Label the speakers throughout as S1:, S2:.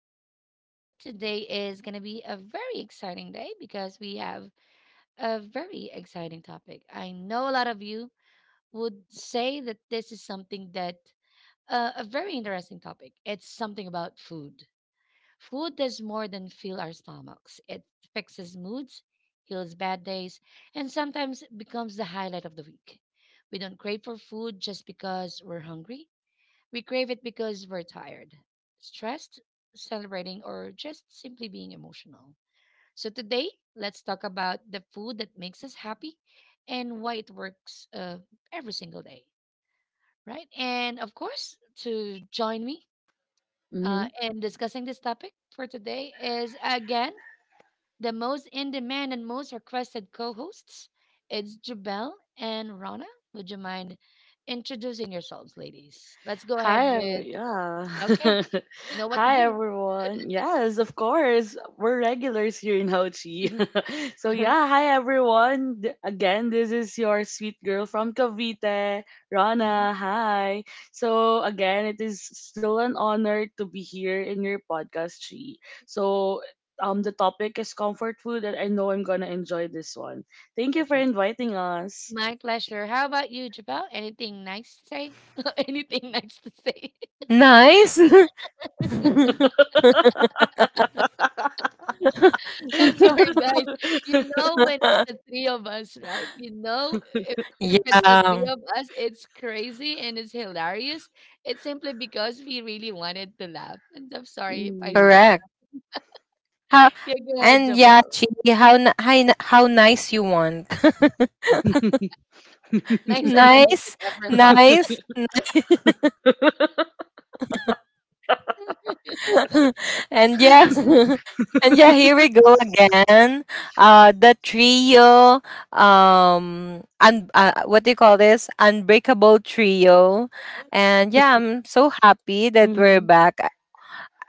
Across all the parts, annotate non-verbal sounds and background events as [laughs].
S1: Daily Talk with G. Today is going to be a very exciting day because we have a very exciting topic. I know a lot of you would say that this is something that a very interesting topic. It's something about food. Food does more than fill our stomachs, it fixes moods, heals bad days, and sometimes becomes the highlight of the week. We don't crave for food just because we're hungry, we crave it because we're tired, stressed, celebrating, or just simply being emotional. So, today, let's talk about the food that makes us happy and why it works every single day, right? And of course, to join me
S2: Mm-hmm.
S1: in discussing this topic for today is again the most in demand and most requested co hosts. It's Jubel and Rana. Would you mind introducing yourselves, ladies? Let's go ahead
S2: Hi,
S1: with,
S2: every yeah.
S1: okay,
S2: [laughs]
S1: you know what to
S2: Hi,
S1: do.
S2: everyone. Yes, of course. We're regulars here in Ho Chi.
S1: Mhm,
S2: [laughs]
S1: uh-huh,
S2: Hi, everyone. Again, this is your sweet girl from Cavite,
S1: mhm, mhm.
S2: Rana. Hi. So, again, it is still an honor to be here in your podcast, Chi. So, the topic is comfort food, and I know I'm gonna enjoy this one. Thank you for
S1: Perfect.
S2: inviting us.
S1: My pleasure. How about you, Jabal? Anything nice to say? [laughs] Anything nice to say? [laughs]
S3: Nice. [laughs]
S1: I'm sorry, guys.
S2: [laughs]
S1: You know
S2: [laughs]
S1: when it's the three of us, right? You know if, if it's the three
S3: yeah,
S1: of us, it's crazy and it's hilarious. It's simply because we really wanted to laugh. And I'm sorry if I
S2: Mm.
S1: said
S3: correct.
S1: something.
S3: How
S1: Yeah, go ahead,
S3: yeah,
S1: Jabal.
S3: Chi, how nice you want. [laughs]
S1: Nicer than you
S2: [laughs]
S1: could
S3: nice,
S1: ever thought,
S3: nice, [laughs] and yeah, [laughs] and yeah, here we go again. The trio. What do you call this? Unbreakable trio. And yeah, I'm so happy that we're
S2: Mhm,
S3: back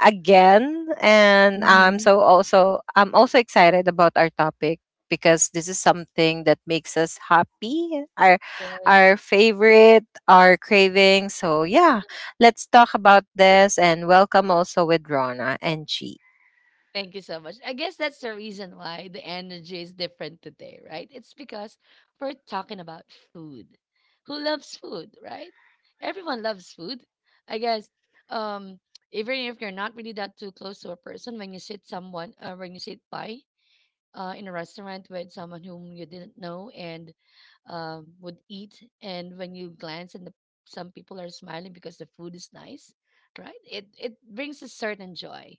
S3: again, and
S2: mhm.
S3: so also I'm also excited about our topic because this is something that makes us happy,
S1: right?
S3: our favorite, our craving. So yeah, let's talk about this, and welcome also with Rona and Chi.
S1: Thank you so much. I guess that's the reason why the energy is different today, right? It's because we're talking about food. Who loves food, right? Everyone loves food. I guess um even if you're not really that too close to a person when you sit someone when you sit by in a restaurant with someone whom you didn't know and would eat. And when you glance and some people are smiling because the food is nice, right? It brings a certain joy.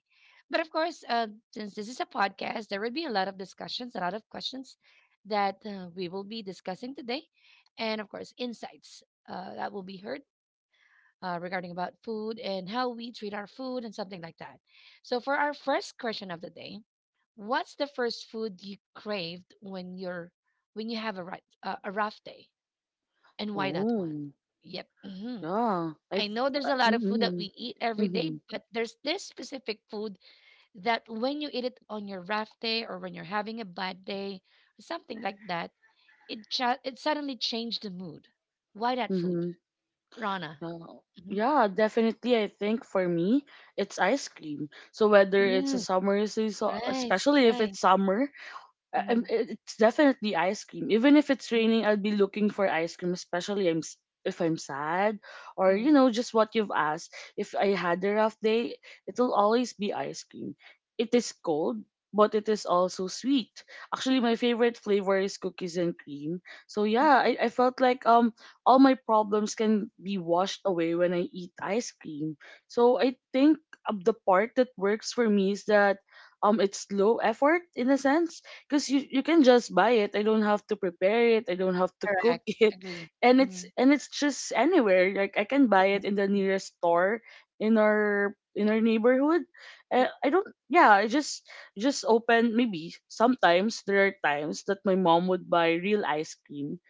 S1: But of course, since this is a podcast, there will be a lot of discussions, a lot of questions that we will be discussing today, and of course, insights that will be heard regarding about food and how we treat our food and something like that. So, for our first question of the day, what's the first food you craved when you're when you have a right a rough day, and why that one?
S2: Oh,
S1: Yep.
S2: yeah. I,
S1: I know
S2: Hmm.
S1: there's a
S2: I-
S1: lot of food that
S2: mhm,
S1: we eat every day,
S2: mhm,
S1: but there's this specific food that when you eat it on your rough day or when you're having a bad day or something like that, it suddenly changed the mood. Why that food,
S2: mhm.
S1: Rana?
S2: Yeah.
S1: hmm
S2: Yeah, definitely. I think for me, it's ice cream. So whether it's a
S1: Mm,
S2: summer season,
S1: rice,
S2: especially if
S1: rice.
S2: it's summer,
S1: Mm,
S2: it's definitely ice cream. Even if it's
S1: mm,
S2: raining, I'll be looking for ice cream, if I'm sad or
S1: mm,
S2: just what you've asked. If I had a rough day, it'll always be ice cream. It is cold, but it is also sweet. Actually, my favorite flavor is cookies and cream. So
S1: mm.
S2: yeah, I felt like all my problems can be washed away when I eat ice cream. So I think the part that works for me is that it's low effort in a sense because you can just buy it. I don't have to prepare it. I don't have to cook
S1: Correct.
S2: [laughs] it,
S1: Agree.
S2: and
S1: Mm,
S2: it's just anywhere, like I can buy it
S1: mm,
S2: in the nearest store in our neighborhood. I don't Yeah, I just open. Maybe sometimes there are times that my mom would buy real ice cream,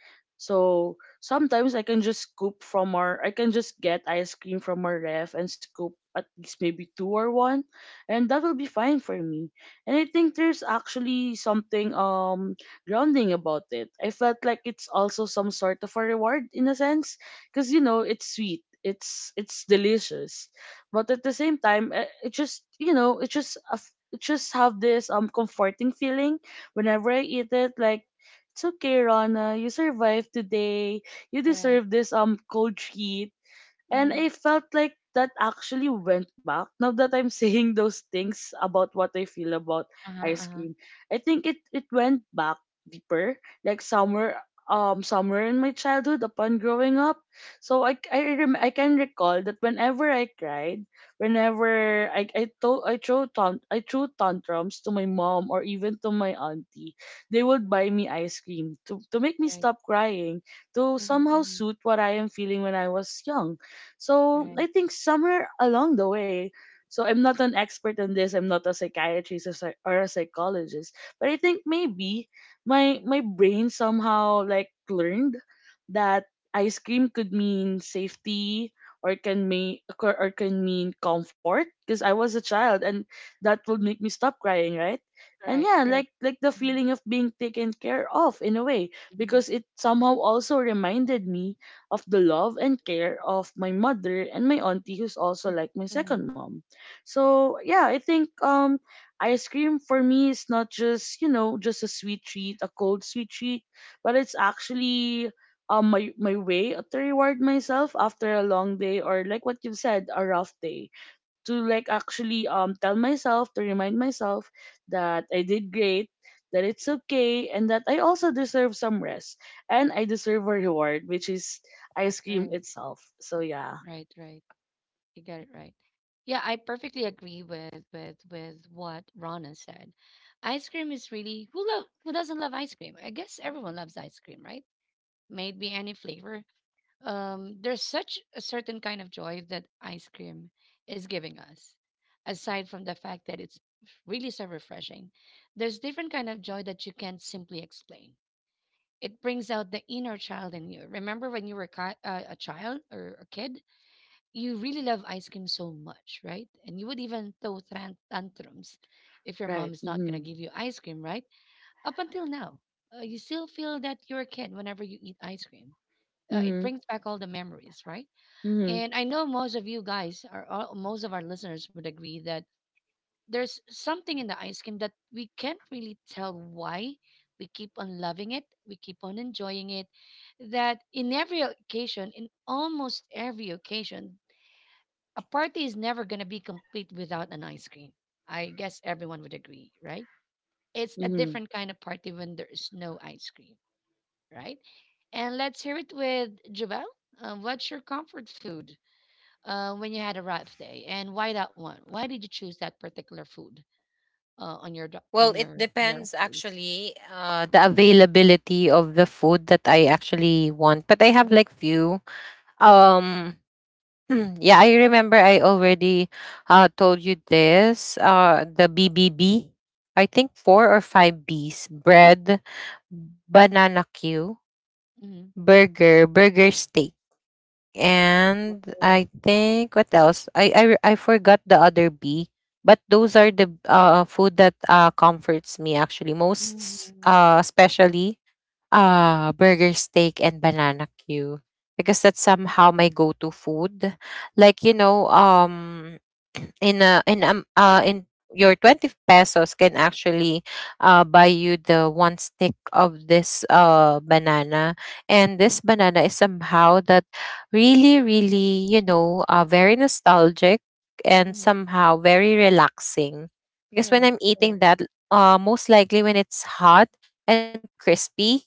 S2: so sometimes I can just scoop from our I can just get ice cream from our ref and scoop at least maybe two or one, and that will be fine for me. And I think there's actually something grounding about it. I felt like it's also some sort of a reward in a sense because you know it's sweet. It's delicious, but at the same time, it just you know it just have this comforting feeling whenever I eat it. Like it's okay, Rana, you survived today. You
S1: correct.
S2: deserve this cold treat, and I
S1: Mm.
S2: felt like that actually went back. Now that I'm [laughs] saying those things about what I feel about
S1: Uh-huh,
S2: ice
S1: uh-huh.
S2: cream, I think it went back deeper, like somewhere somewhere in my childhood upon growing up. So I can recall that whenever I cried, whenever I to- I threw tant- I threw tantrums to my mom or even to my auntie, they would buy me ice cream to make me
S1: Right.
S2: stop crying, to
S1: Mhm,
S2: somehow
S1: mhm.
S2: suit what I am feeling when I was young. So I
S1: Right.
S2: think somewhere along the way, so I'm not an expert on this. I'm not a psychiatrist or a psychologist, but I think maybe my brain somehow like learned that ice cream could mean safety or can mean comfort because I was a child and that would
S1: Mm.
S2: make me stop crying, right? And
S1: Right.
S2: yeah,
S1: Correct.
S2: like the
S1: Mhm.
S2: feeling of being taken care of in a way
S1: Mhm.
S2: because it somehow also reminded me of the love and care of my mother and my auntie, who's also
S1: Mm.
S2: like my
S1: Mhm.
S2: second mom. So yeah, I think ice cream for me is not just, you know, just a sweet treat, a cold sweet treat, but it's actually my way to reward myself after a long day or like what you've said, a rough day. To like actually tell myself, to remind myself that I did great, that it's okay, and that I also deserve some rest and I deserve a reward, which is ice cream
S1: Right,
S2: itself. So yeah,
S1: right, right. You got it right. Yeah, I perfectly agree with with what Rana said. Ice cream is really who love who doesn't love ice cream? I guess everyone loves ice cream, right? Maybe any flavor. There's such a certain kind of joy that ice cream is giving us. Aside from the fact that it's really so refreshing, there's different kind of joy that you can't simply explain, it brings out the inner child in you. Remember when you were a child or a kid, you really love ice cream so much, right? And you would even throw tantrums if your mom
S2: right.
S1: is not going
S2: Mhm.
S1: to give you ice cream, right? Up until now, you still feel that you're a kid whenever you eat ice cream. It
S2: Mhm.
S1: brings back all the memories, right?
S2: Mhm.
S1: And I know most of you guys are all, most of our listeners would agree that there's something in the ice cream that we can't really tell why we keep on loving it, we keep on enjoying it, that in every occasion, in almost every occasion, a party is never going to be complete without an ice cream. I guess everyone would agree, right? It's a
S2: Mhm.
S1: different kind of party when there's no ice cream, right? And let's hear it with Javel. What's your comfort food when you had a rough day, and why that one? Why did you choose that particular food? On your do
S3: Well,
S1: on
S3: it
S1: your
S3: depends
S1: face.
S3: actually the availability of the food that I actually want, but I
S1: Mhm,
S3: have like few
S1: mhm,
S3: um yeah, I remember I already told you this. The BBB, I think four or five Bs: bread, banana Q,
S1: mhm.
S3: burger, burger steak. And
S1: Oh.
S3: I think what else? I forgot the other B, but those are the food that comforts me actually most,
S1: Mhm,
S3: especially burger steak and banana queue, because that's
S1: uh,
S3: somehow my go-to food, like you know. [clears throat] In a in in your 20 pesos can actually buy you the one stick of this banana, and
S1: mhm,
S3: this banana is somehow that really really, you know, very nostalgic and
S1: mhm.
S3: somehow very relaxing. Because when
S1: Correct,
S3: I'm
S1: correct.
S3: eating that, most likely when it's hot and crispy,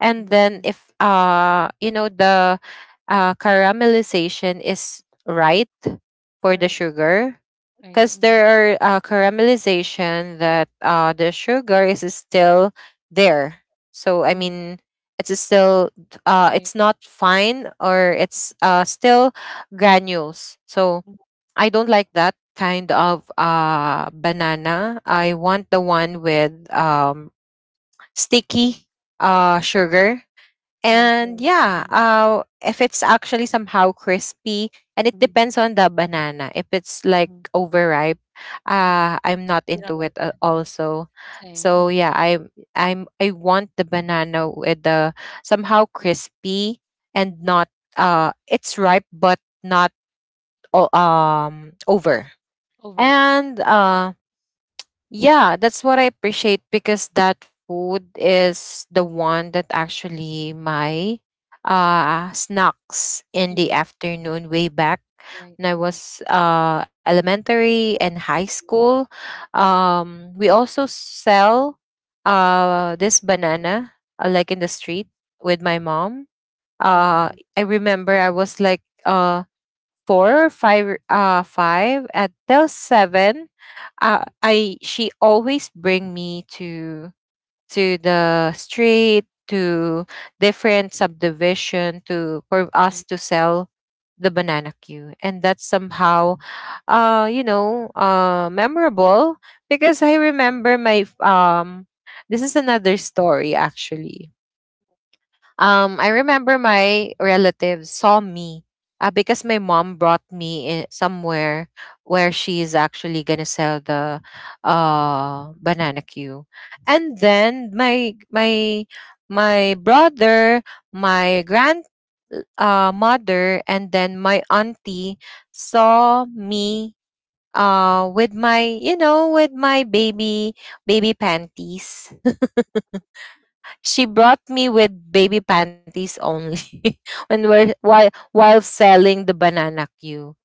S3: and
S1: Mhm,
S3: then
S1: mhm.
S3: if, you know, the caramelization is right for the
S1: Correct.
S3: sugar,
S1: Right.
S3: because
S1: Mhm,
S3: there are caramelization that the sugar is still there, so I
S1: mhm.
S3: mean it's still
S1: Right.
S3: it's not fine, or it's still granules. So
S1: Mhm.
S3: I don't like that kind of banana. I want the one with sticky sugar.
S1: Right,
S3: And
S1: right.
S3: yeah,
S1: Mhm,
S3: if it's actually somehow crispy, and it
S1: mhm,
S3: depends on the banana. If it's like
S1: mhm,
S3: overripe,
S1: mhm.
S3: I'm not
S1: You don't
S3: into it
S1: like that.
S3: also.
S1: Same.
S3: So
S1: Mhm,
S3: yeah, I want the banana with the somehow crispy and
S1: mhm.
S3: not it's ripe but not over.
S1: Override.
S3: And yeah, that's what I appreciate, because that food is the one that actually my snacks in the
S1: Mhm.
S3: afternoon way back
S1: Right.
S3: when I
S1: Mhm,
S3: was elementary and high school.
S1: mhm.
S3: We also sell this banana, like in the street with my mom.
S1: Uh-huh.
S3: I remember I was like four, five, five until seven, I she always bring me to the street to different subdivision to for
S1: Mm-hmm.
S3: us to sell the banana queue. And that's somehow, you know, memorable, because I remember my This is another story actually. I remember my relatives saw me, because my mom brought me in somewhere where she is actually gonna sell the banana queue, and then my brother, my grand mother, and then my auntie saw me with my you know, with my baby panties. She brought me with baby panties only [laughs] when we're while selling the banana queue.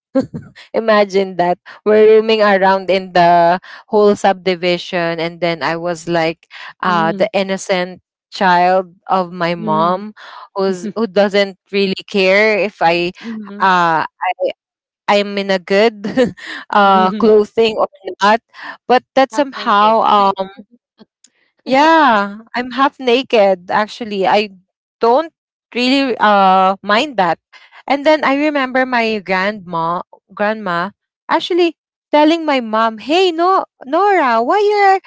S3: Imagine that we're roaming around in the whole subdivision, and then I was like,
S2: Mhm.
S3: the innocent child of my
S2: Mhm.
S3: mom,
S2: [laughs]
S3: who doesn't really care if
S2: Mhm.
S3: uh, I I'm in a good [laughs]
S2: Mhm.
S3: clothing or not. But that
S1: Half naked.
S3: somehow um
S1: [laughs]
S3: yeah, I'm half naked actually. I don't really mind that. And then I remember my grandma grandma actually telling my mom, "Hey, no Nora, why you're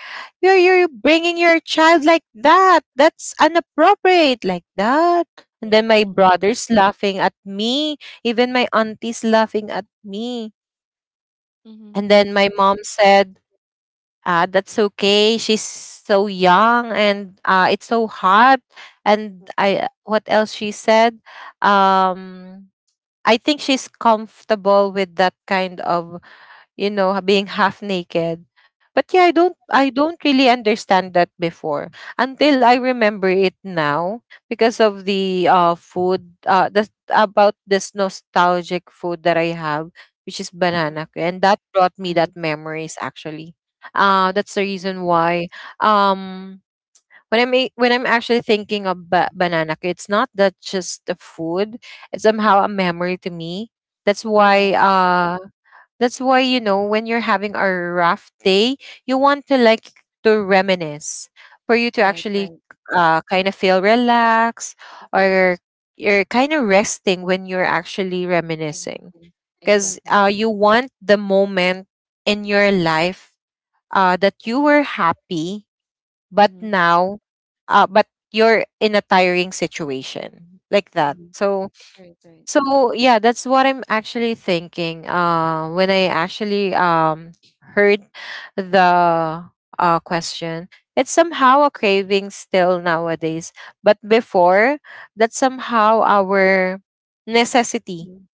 S3: you're you're bringing your child like that? That's inappropriate like that." And then
S1: Right.
S3: my
S1: Right.
S3: brother's laughing at me, even my auntie's laughing at me.
S1: Mhm,
S3: And
S1: mhm,
S3: then
S1: mhm,
S3: my mom said, that's okay. She's so young, and it's so hot. And
S1: mhm.
S3: I, what else she said? Um, I think she's comfortable with that kind of, you know, being half naked. But yeah, I
S1: Uh-huh.
S3: don't really understand that before, until I remember it now because of the food, the about this nostalgic food that I have, which is
S1: Uh-huh.
S3: banana que-, and that brought me
S1: Uh-huh.
S3: that memories actually.
S1: That's
S3: That's the
S1: very nice.
S3: reason why um when I'm when I'm actually thinking of banana que, it's not that just the food, it's somehow a memory to me. That's why
S1: Correct.
S3: uh that's why, you know, when you're having a rough day, you want to like to reminisce for you to
S1: Right,
S3: actually,
S1: right.
S3: kind of feel relaxed, or you're kind of resting when you're actually reminiscing.
S1: Exactly.
S3: Because
S1: Exactly.
S3: you want the moment in your life, that you were happy, but
S1: Mhm,
S3: now, But you're in a tiring situation like that.
S1: mhm.
S3: So
S1: Right, right.
S3: so yeah, that's what I'm actually thinking. When I actually heard the question, it's somehow a craving still nowadays. But before, that's somehow our necessity,
S1: Mhm,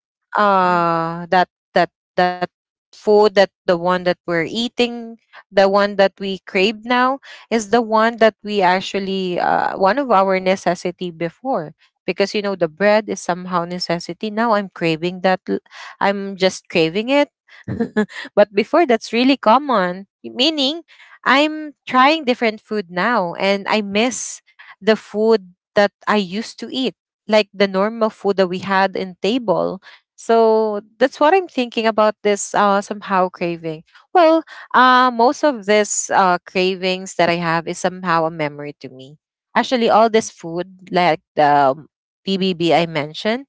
S1: mhm,
S3: uh that that that food, that the one that we're eating, the one that we crave now, is the one that we actually, one of our necessity before. Because, you know, the bread is somehow necessity. Now I'm craving I'm just craving it. [laughs] But before, that's really common, meaning I'm trying different food now, and I miss the food that I used to eat, like the normal food that we had in table. So that's what I'm thinking about this, somehow craving. Well, most of this, cravings that I have is somehow a memory to me. Actually, all
S1: mhm.
S3: this food, like the BBB I mentioned,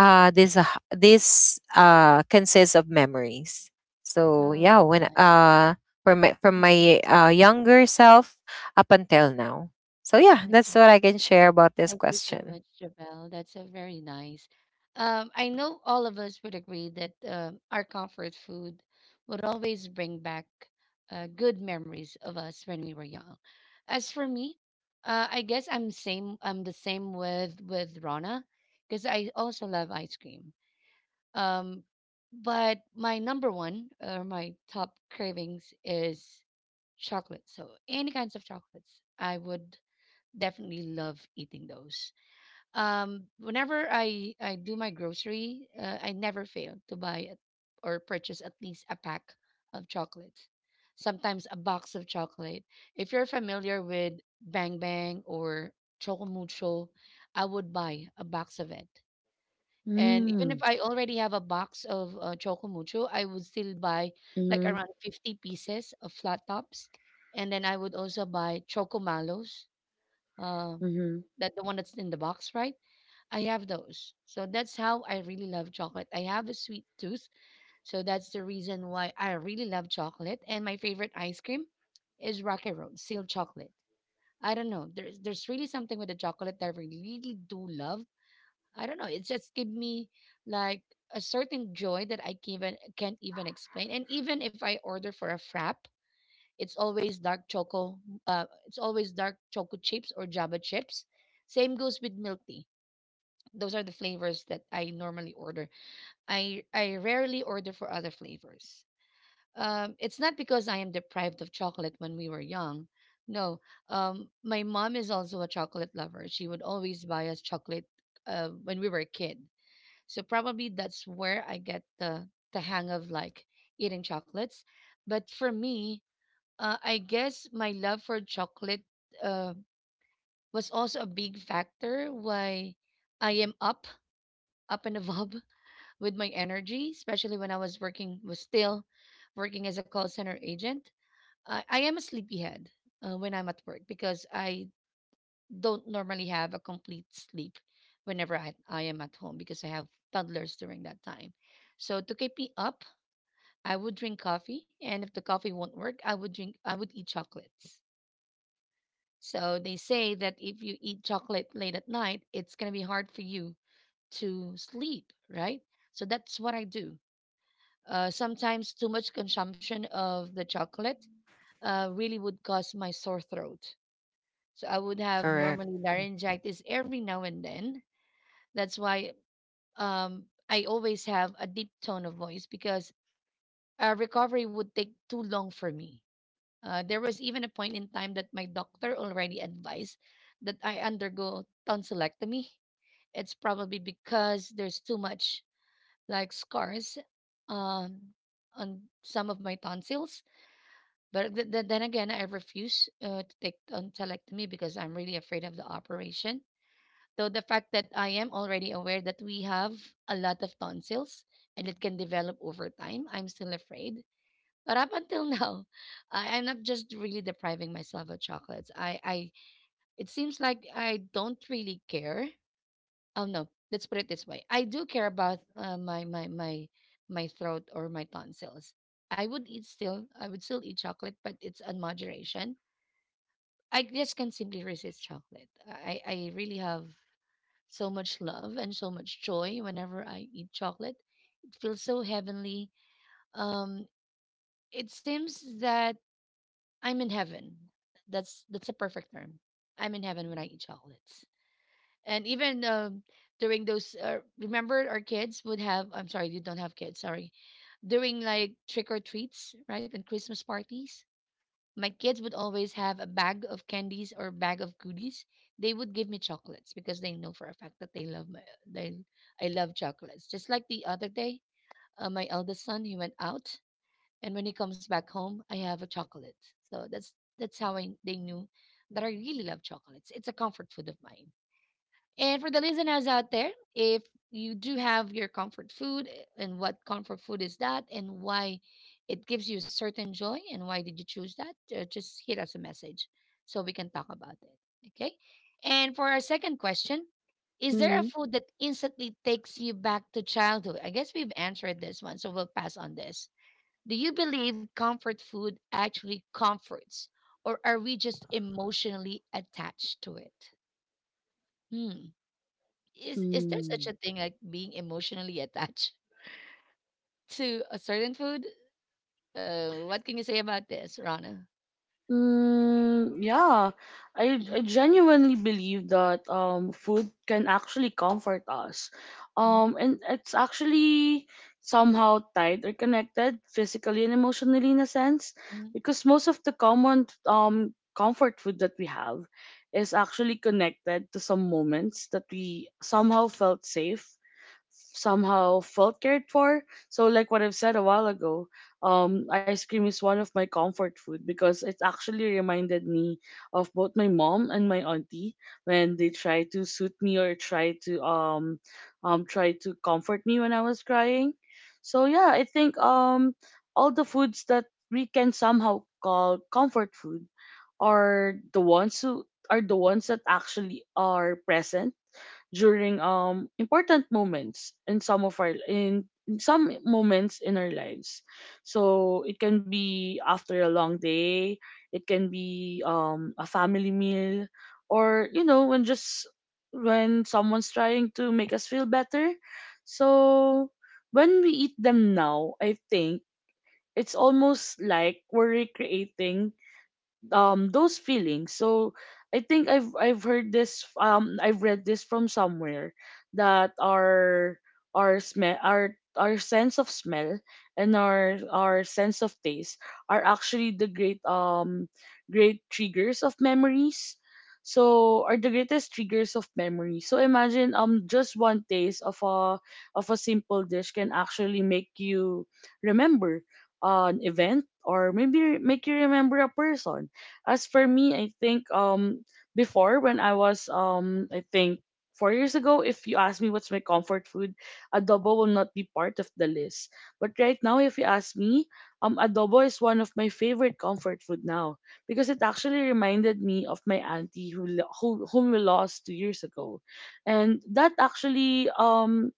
S1: Right.
S3: this uh, this consists of memories. So
S1: Oh,
S3: yeah,
S1: okay.
S3: when,
S1: I
S3: from
S1: mhm.
S3: my younger self up until now. So yeah, that's
S1: Okay.
S3: what I can share about this
S1: Thank you so
S3: question.
S1: much, Jabelle. That's a very nice. I know all of us would agree that our comfort food would always bring back good memories of us when we were young. As for me, I guess I'm same. I'm the same with Rana because I also love ice cream. Um, but my number one or my top cravings is chocolate. So any kinds of chocolates, I would definitely love eating those. Whenever I do my grocery, I never fail to buy or purchase at least a pack of chocolates. Sometimes a box of chocolate. If you're familiar with Bang Bang or Chocomucho, I would buy a box of it. And even if
S2: Mhm.
S1: I already have a box of Choco Mucho, I would still buy like
S2: Mhm.
S1: around 50 pieces of flat tops. And then I would also buy Choco Malos, uh,
S2: Mhm.
S1: that the one that's in the box, right? I have those. So that's how I really love chocolate. I have a sweet tooth. So that's the reason why I really love chocolate. And my favorite ice cream is Rocky Road, sealed chocolate. I don't know. There's really something with the chocolate that I really do love. I don't know. It just give me like a certain joy that I can even, can't even explain. And even if I order for a frap, it's always dark choco. It's always dark choco chips or Java chips. Same goes with milk tea. Those are the flavors that I normally order. I rarely order for other flavors. It's not because I am deprived of chocolate when we were young. No, my mom is also a chocolate lover. She would always buy us chocolate when we were a kid, so probably that's where I get the hang of like eating chocolates. But for me, I guess my love for chocolate uh, was also a big factor why I am up and above [laughs] with my energy, especially when I was working was still working as a call center agent. I am a sleepyhead when I'm at work because I don't normally have a complete sleep whenever I am at home because I have toddlers during that time. So to keep me up, I would drink coffee, and if the coffee won't work, I would eat chocolates. So they say that if you eat chocolate late at night, it's gonna be hard for you to sleep, right? So that's what I do. Sometimes too much consumption of the chocolate really would cause my sore throat. So I would have
S3: Correct.
S1: normally laryngitis every now and then. That's why I always have a deep tone of voice because recovery would take too long for me. There was even a point in time that my doctor already advised that I undergo tonsillectomy. It's probably because there's too much like scars um, on some of my tonsils. But then again, I refuse to take tonsillectomy because I'm really afraid of the operation. So the fact that I am already aware that we have a lot of tonsils and it can develop over time, I'm still afraid. But up until [laughs] now, I'm not just really depriving myself of chocolates. I it seems like I don't really care. Oh no, let's put it this way. I do care about my my my throat or my tonsils. I would eat still. I would still eat chocolate, but it's on moderation. I just can simply resist chocolate. I really have so much love and so much joy whenever I eat chocolate. It feels so heavenly. Um, it seems that I'm in heaven. That's a perfect term. I'm in heaven when I eat chocolates. And even during those, remember our kids would have. I'm sorry, you don't have kids. Sorry, during like trick or treats, right, and Christmas parties my kids would always have a bag of candies or bag of goodies. They would give me chocolates because they know for a fact that they love my they I love chocolates. Just like the other day, my eldest son he went out, and when he comes back home, I have a chocolate. So that's how I they knew that I really love chocolates. It's a comfort food of mine. And for the listeners out there, if you do have your comfort food eh, and what comfort food is that and why it gives you certain joy and why did you choose that, just hit us a message so we can talk about it. Okay. And for our second question, is there a
S2: Mhm.
S1: food that instantly takes you back to childhood? I guess we've answered this one, so we'll pass on this. Do you believe comfort food actually comforts, or are we just emotionally attached to it? Hmm. Is there such a
S2: Mhm.
S1: thing like being emotionally attached [laughs] to a certain food? What can you say about this, Rana?
S2: Yeah, I, I
S1: Mm-hmm.
S2: genuinely believe that food can actually comfort us,
S1: Mm-hmm.
S2: and it's actually somehow tied or connected physically and emotionally in a sense
S1: Mm-hmm.
S2: because most of the common comfort food that we have is actually connected to some moments that we somehow felt safe, somehow felt cared for. So like what I've said a while ago, ice cream is one of my comfort food because it actually reminded me of both my mom and my auntie when they try to suit me or try to try to comfort me when I was crying. So yeah, I think all the foods that we can somehow call comfort food are the ones who are the ones that actually are present during important moments in some of our in some moments in our lives. So it can be after a long day, it can be a family meal, or you know when just when someone's trying to make us feel better. So when we eat them now, I think it's almost like we're recreating those feelings. So I think I've heard this, I've read this from somewhere, that our smell, our sense of smell and our sense of taste are actually the great triggers of memories, so are the greatest triggers of memory. So imagine just one taste of a simple dish can actually make you remember an event, or maybe make you remember a person. As for me, I think before when I was I think, 4 years ago, if you ask me what's my comfort food, adobo will not be part of the list. But right now, if you ask me, adobo is one of my favorite comfort food now because it actually reminded me of my auntie, whom we lost 2 years ago, and that actually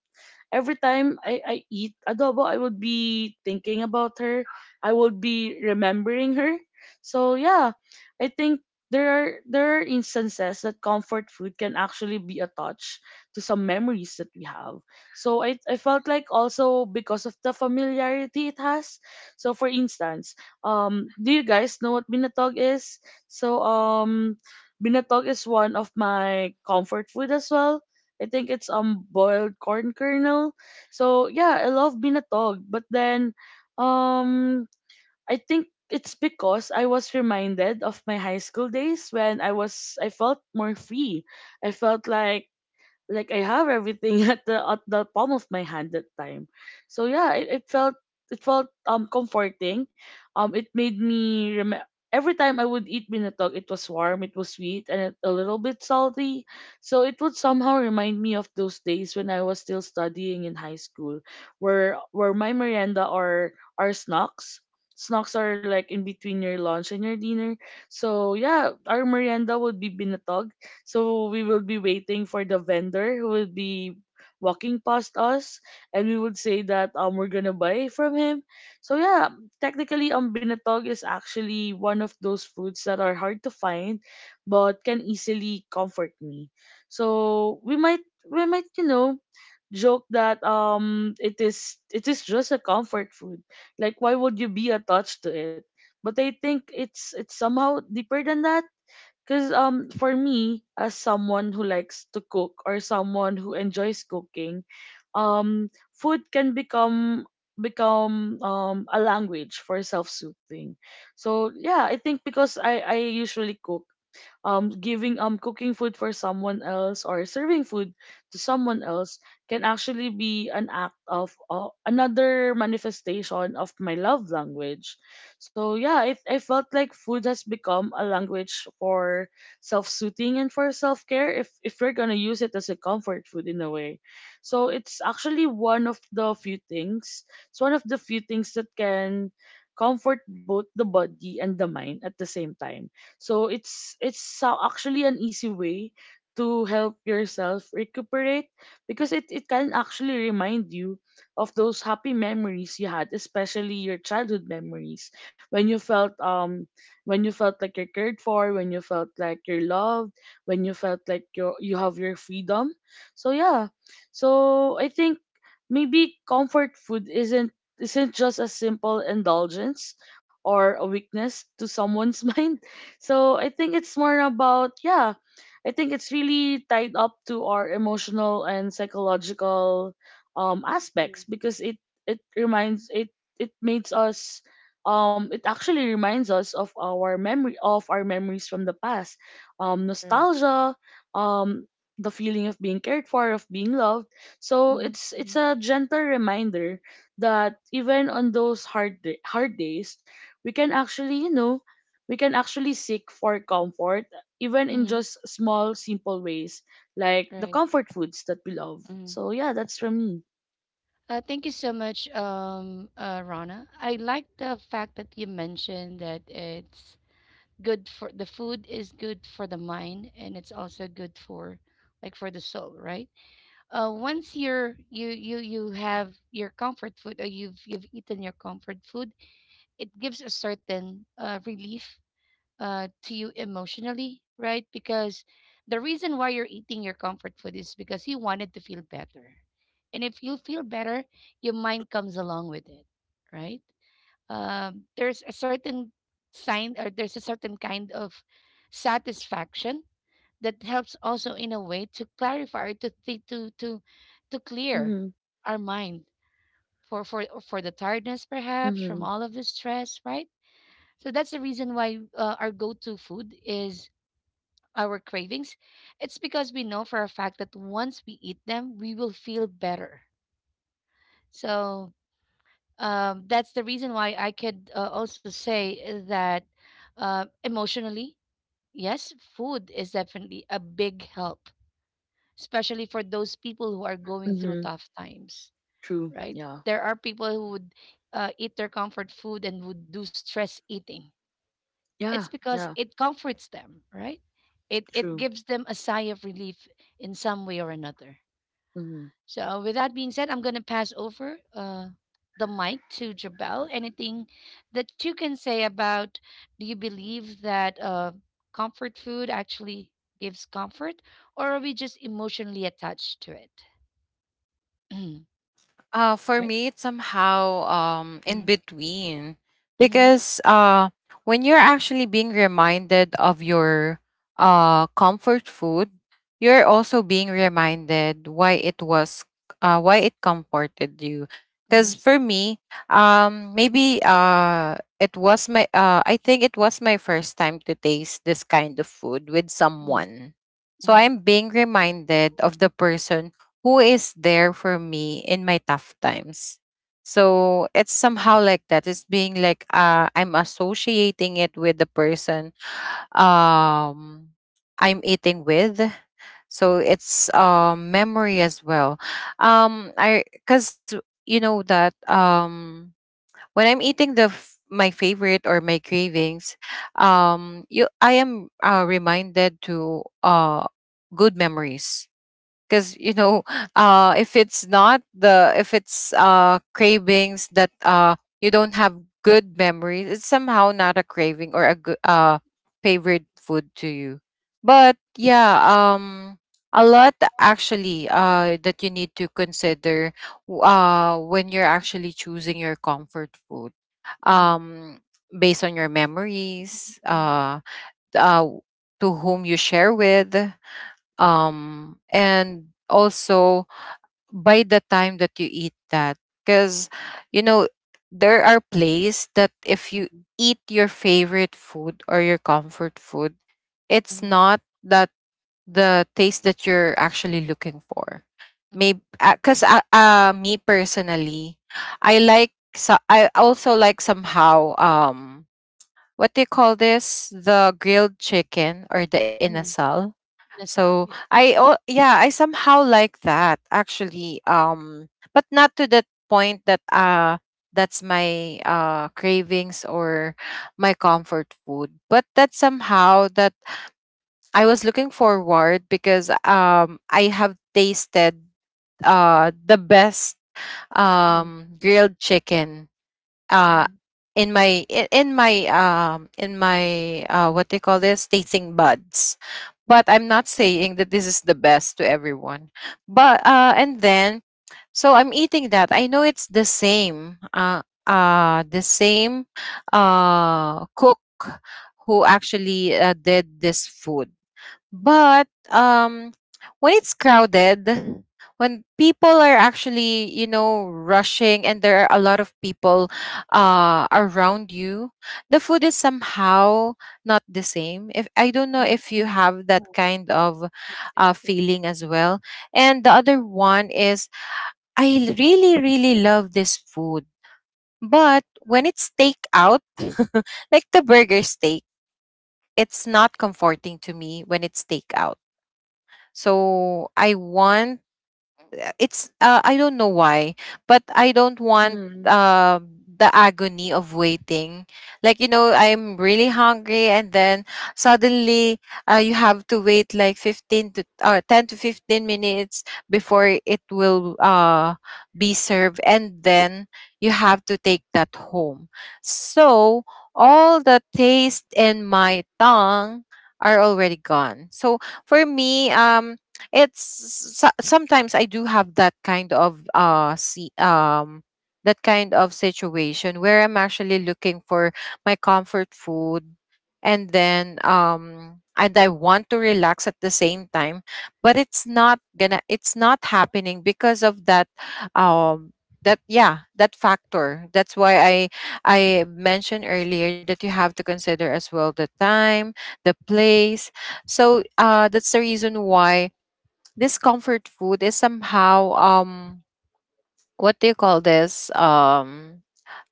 S2: every time I eat adobo, I would be thinking about her. I would be remembering her. So yeah, I think there are instances that comfort food can actually be a touch to some memories that we have. So I felt like also because of the familiarity it has. So for instance, do you guys know what binatog is? So binatog is one of my comfort food as well. I think it's boiled corn kernel. So yeah, I love binatog. But then um I think it's because I was reminded of my high school days when I felt more free. I felt like I have everything [laughs] at the palm of my hand that time. So yeah, it felt, it felt comforting. It made me remember. Every time I would eat binatog, it was warm, it was sweet, and a little bit salty. So it would somehow remind me of those days when I was still studying in high school, where my merienda are snacks. Snacks are like in between your lunch and your dinner. So yeah, our merienda would be binatog, so we will be waiting for the vendor who will be walking past us, and we would say that we're gonna buy from him. So yeah, technically binatog is actually one of those foods that are hard to find but can easily comfort me. So we might, you know, joke that it is, it is just a comfort food. Like why would you be attached to it? But I think it's somehow deeper than that because for me, as someone who likes to cook or someone who enjoys cooking, food can become a language for self-soothing. So yeah, I think because I usually cook, giving, cooking food for someone else or serving food to someone else can actually be an act of another manifestation of my love language. So yeah, I felt like food has become a language for self-soothing and for self-care, if we're gonna use it as a comfort food in a way. So it's actually one of the few things, it's one of the few things that can comfort both the body and the mind at the same time. So it's actually an easy way to help yourself recuperate, because it can actually remind you of those happy memories you had, especially your childhood memories, when you felt um when you felt like you're cared for, when you felt like you're loved, when you felt like you have your freedom. So yeah, so I think maybe comfort food isn't just a simple indulgence or a weakness to someone's [laughs] mind. So I think it's more about, yeah, I think it's really tied up to our emotional and psychological
S1: Mm.
S2: aspects, because it reminds it it makes us it actually reminds us of our memory of our memories from the past.
S1: Correct.
S2: Nostalgia. um the feeling of being cared for, of being loved. So
S1: Mm-hmm.
S2: it's
S1: Mm-hmm.
S2: it's a gentle reminder that even on those hard days we can actually you know we can actually seek for comfort even in
S1: Mm-hmm.
S2: just small simple ways, like the
S1: Right.
S2: comfort foods that we love.
S1: Mm-hmm.
S2: So yeah, that's from me.
S1: Thank you so much, Rana. I like the fact that you mentioned that it's good for the food is good for the mind, and it's also good for, like, for the soul, right? Once you have your comfort food, or you've eaten your comfort food, it gives a certain relief to you emotionally, right? Because the reason why you're eating your comfort food is because you wanted to feel better. And if you feel better, your mind comes along with it, right? There's a certain sign, or there's a certain kind of satisfaction that helps also in a way to clarify, to think, to clear
S2: Mm-hmm.
S1: our mind, for for for the tiredness perhaps from
S2: Mm-hmm.
S1: all of the stress, right? So that's the reason why our go-to food is our cravings. It's because we know for a fact that once we eat them, we will feel better. So that's the reason why I could also say that emotionally, yes, food is definitely a big help, especially for those people who are going through
S2: Mm-hmm.
S1: tough times,
S2: True.
S1: right?
S2: Yeah,
S1: There are people who would eat their comfort food and would do stress eating.
S2: yeah,
S1: It's because
S2: yeah.
S1: it comforts them, right? It
S2: True.
S1: gives them a sigh of relief in some way or another.
S2: Mm-hmm.
S1: So with that being said, I'm gonna pass over the mic to Jabel. Anything that you can say about, do you believe that comfort food actually gives comfort, or are we just emotionally attached to it? [clears throat]
S3: For
S1: Right.
S3: me, it's somehow in
S1: Mhm.
S3: between,
S1: Mhm.
S3: because when you're actually being reminded of your comfort food, you're also being reminded why it was why it comforted you. Because
S1: Mhm.
S3: for me, maybe it was my I think it was my first time to taste this kind of food with
S1: Mhm.
S3: someone. So
S1: Mhm.
S3: I'm being reminded of the person who is there for me in my tough times. So it's somehow like that. It's being like, I'm associating it with the person um, I'm eating with. So it's, memory as well. I, because you know that, when I'm eating my favorite or my cravings, you I am, reminded to, good memories. Because, you know, if it's not the if it's cravings that you don't have good memories, it's somehow not a craving or a good favorite food to you. But yeah, a lot actually that you need to consider when you're actually choosing your comfort food,
S1: Mhm.
S3: um based on your memories,
S1: Mhm.
S3: uh to whom you share with, and also by the time that you eat that. Because, you know, there are places that if you
S1: Mhm.
S3: eat your favorite food or your comfort food, it's
S1: Mhm.
S3: not that the taste that you're actually looking for. Maybe
S1: Mhm.
S3: because me personally, I also like somehow what do you call this, the grilled chicken or the
S1: Mhm.
S3: inasal.
S1: Yes,
S3: So I,
S1: yes,
S3: oh yeah, I somehow like that actually. But not to that point that that's my cravings or my comfort food. But that somehow that I was looking forward, because I have tasted the best grilled chicken uh
S1: yes.
S3: in my what they call this tasting buds. But I'm not saying that this is the best to everyone.
S1: Mm.
S3: But
S1: Mm.
S3: and then so I'm eating that, I know it's the same cook who actually did this food. But when it's crowded, when people are actually, you know, rushing and there are a lot of people around you, the food is somehow not the same. If I don't know
S1: Mm.
S3: if you
S1: Mm.
S3: have
S1: Mm.
S3: that kind of
S1: Yes, yes, yes.
S3: feeling as well. And the other one is I really, really love this food. But when it's takeout, [laughs] like the burger steak, it's not comforting to me when it's takeout. So I want, it's I don't know why, but I don't want
S2: Mm-hmm.
S3: the agony of waiting. Like, you know, I'm really hungry, and then suddenly, you have to wait like 15 to or 10 to 15 minutes before it will be served, and then you have to take that home. So all the taste in my tongue are already gone. So for me, it's sometimes I do have that kind of see that kind of situation where I'm actually looking for my comfort food and I want to relax at the same time, but it's not happening because of that um that, yeah, that factor. That's why I mentioned earlier that you have to consider as well the time, the place. So that's the reason why this comfort food is somehow what do you call this, um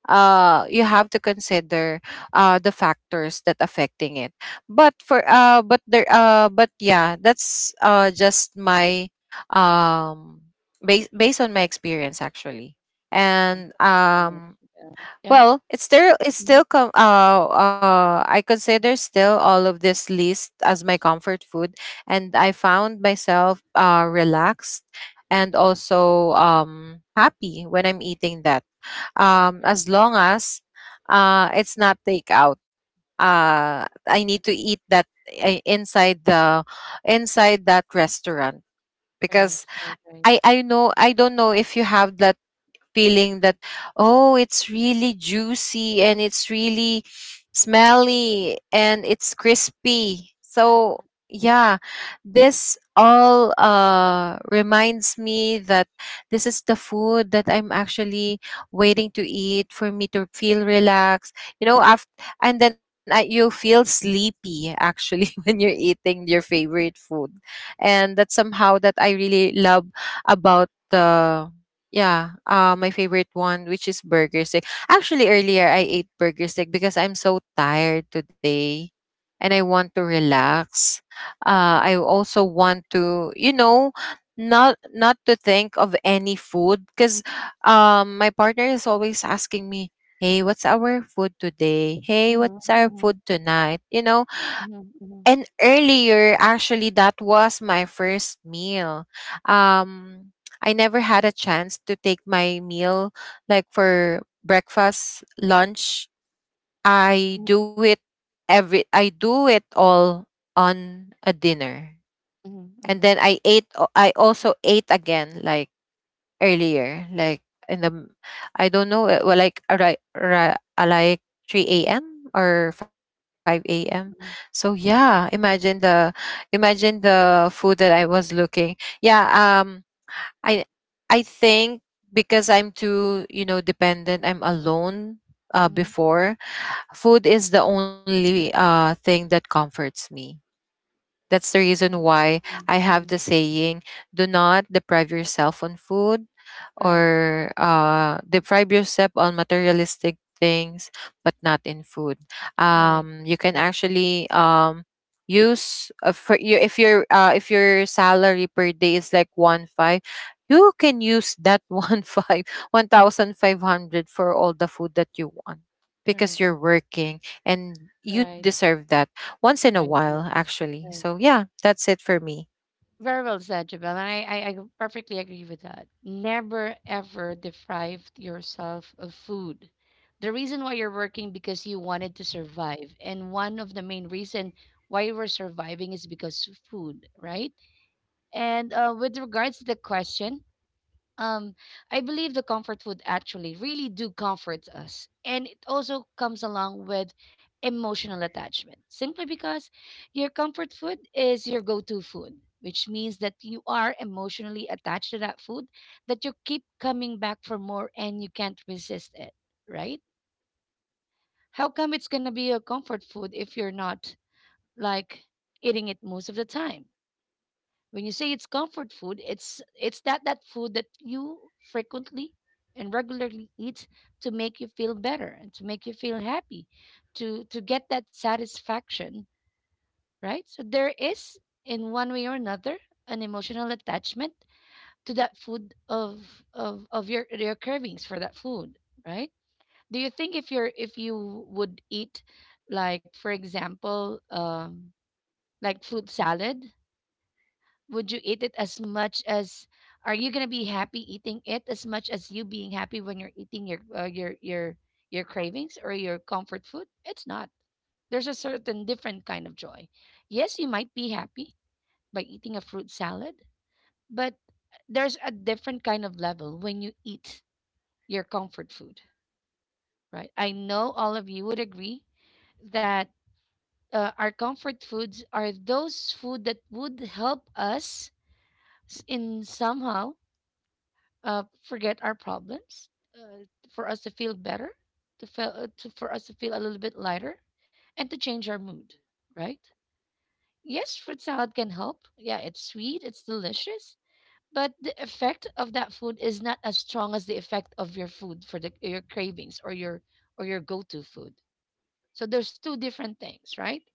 S3: uh you have to consider the factors that affecting it. But for but there but yeah, that's just my um based on my experience actually.
S1: Okay,
S3: And
S1: thank you so much, Belle. Yeah.
S3: Well, it's
S1: Mhm.
S3: still I consider still all of this list as my comfort food, and I found myself relaxed and also happy when I'm eating that. As long as it's not takeout. I need to eat that i- inside the inside that restaurant,
S1: Right,
S3: because
S1: right, right. Right.
S3: I don't know if you have that feeling that, oh, it's really juicy and it's really
S1: Mm.
S3: smelly and it's crispy.
S1: Uh-huh.
S3: So yeah, this all reminds me that this is the food that I'm actually waiting to eat for me to feel relaxed, you know, after and then I, you feel sleepy actually [laughs] when you're eating your favorite food, and that's somehow that I really love about the yeah, my favorite one, which is burger steak. Actually, earlier I ate burger steak because I'm so tired today, and I want to relax.
S1: Mhm.
S3: I also want to, not to think of any food because, my partner is always asking me, "Hey, what's our food today? Hey, what's our food
S1: Mhm.
S3: tonight?"
S1: Mhm.
S3: And earlier, actually, that was my first meal. Um, I never had a chance to take my meal like for breakfast, lunch. I
S1: Mhm.
S3: do it every. I do it all on a dinner,
S1: Mhm.
S3: and
S1: Mhm.
S3: then I also ate again like earlier, like in the m- I don't know, like like 3 a.m. or 5 a.m. So
S1: Mhm.
S3: yeah, imagine the food that I was looking. Yeah, I I think because I'm too, dependent, I'm alone.
S1: Mhm. Mhm.
S3: Before, food is the only thing that comforts me. That's the reason
S1: Mhm. Mhm.
S3: why I
S1: Mhm. Mhm.
S3: have the
S1: Mhm.
S3: saying, do not deprive yourself on food,
S1: Correct.
S3: or deprive yourself on materialistic things, but not in food.
S1: Correct.
S3: You can
S1: Agree.
S3: actually use for you, if your salary per day is like one five, you can use that [laughs] one thousand five hundred for all the food that you want,
S1: Correct.
S3: because you're working and you
S1: Right.
S3: deserve that once in a
S1: Right. Right.
S3: while actually.
S1: Right.
S3: So yeah, that's it for me.
S1: Very well said, Jabel. And I perfectly agree with that. Never ever deprive yourself of food. The reason why you're working because you wanted to survive. And one of the main reason why we're surviving is because of food, right? And with regards to the question, um I believe the comfort food actually really do comforts us, and it also comes along with emotional attachment, simply because your comfort food is your go-to food, which means that you are emotionally attached to that food, that you keep coming back for more and you can't resist it, right? How come it's going to be your comfort food if you're not, like, eating it most of the time? When you say it's comfort food, it's that that food that you frequently and regularly eat, to make you feel better and to make you feel happy, to get that satisfaction, right? So there is, in one way or another, an emotional attachment to that food, of of your cravings for that food, right? Do you think if you're if you would eat, like for example like fruit salad, would you eat it as much as, are you gonna be happy eating it as much as you being happy when you're eating your cravings or your comfort food? It's not. There's a certain different kind of joy. Yes, you might be happy by eating a fruit salad, but there's a different kind of level when you eat your comfort food, right? I know all of you would agree that our comfort foods are those food that would help us in somehow forget our problems, uh, for us to feel better, to feel to for us to feel a little bit lighter, and to change our mood. Right? Yes, fruit salad can help. Yeah, it's sweet, it's delicious, but the effect of that food is not as strong as the effect of your food, for the your cravings or your go-to food. So there's two different things, right?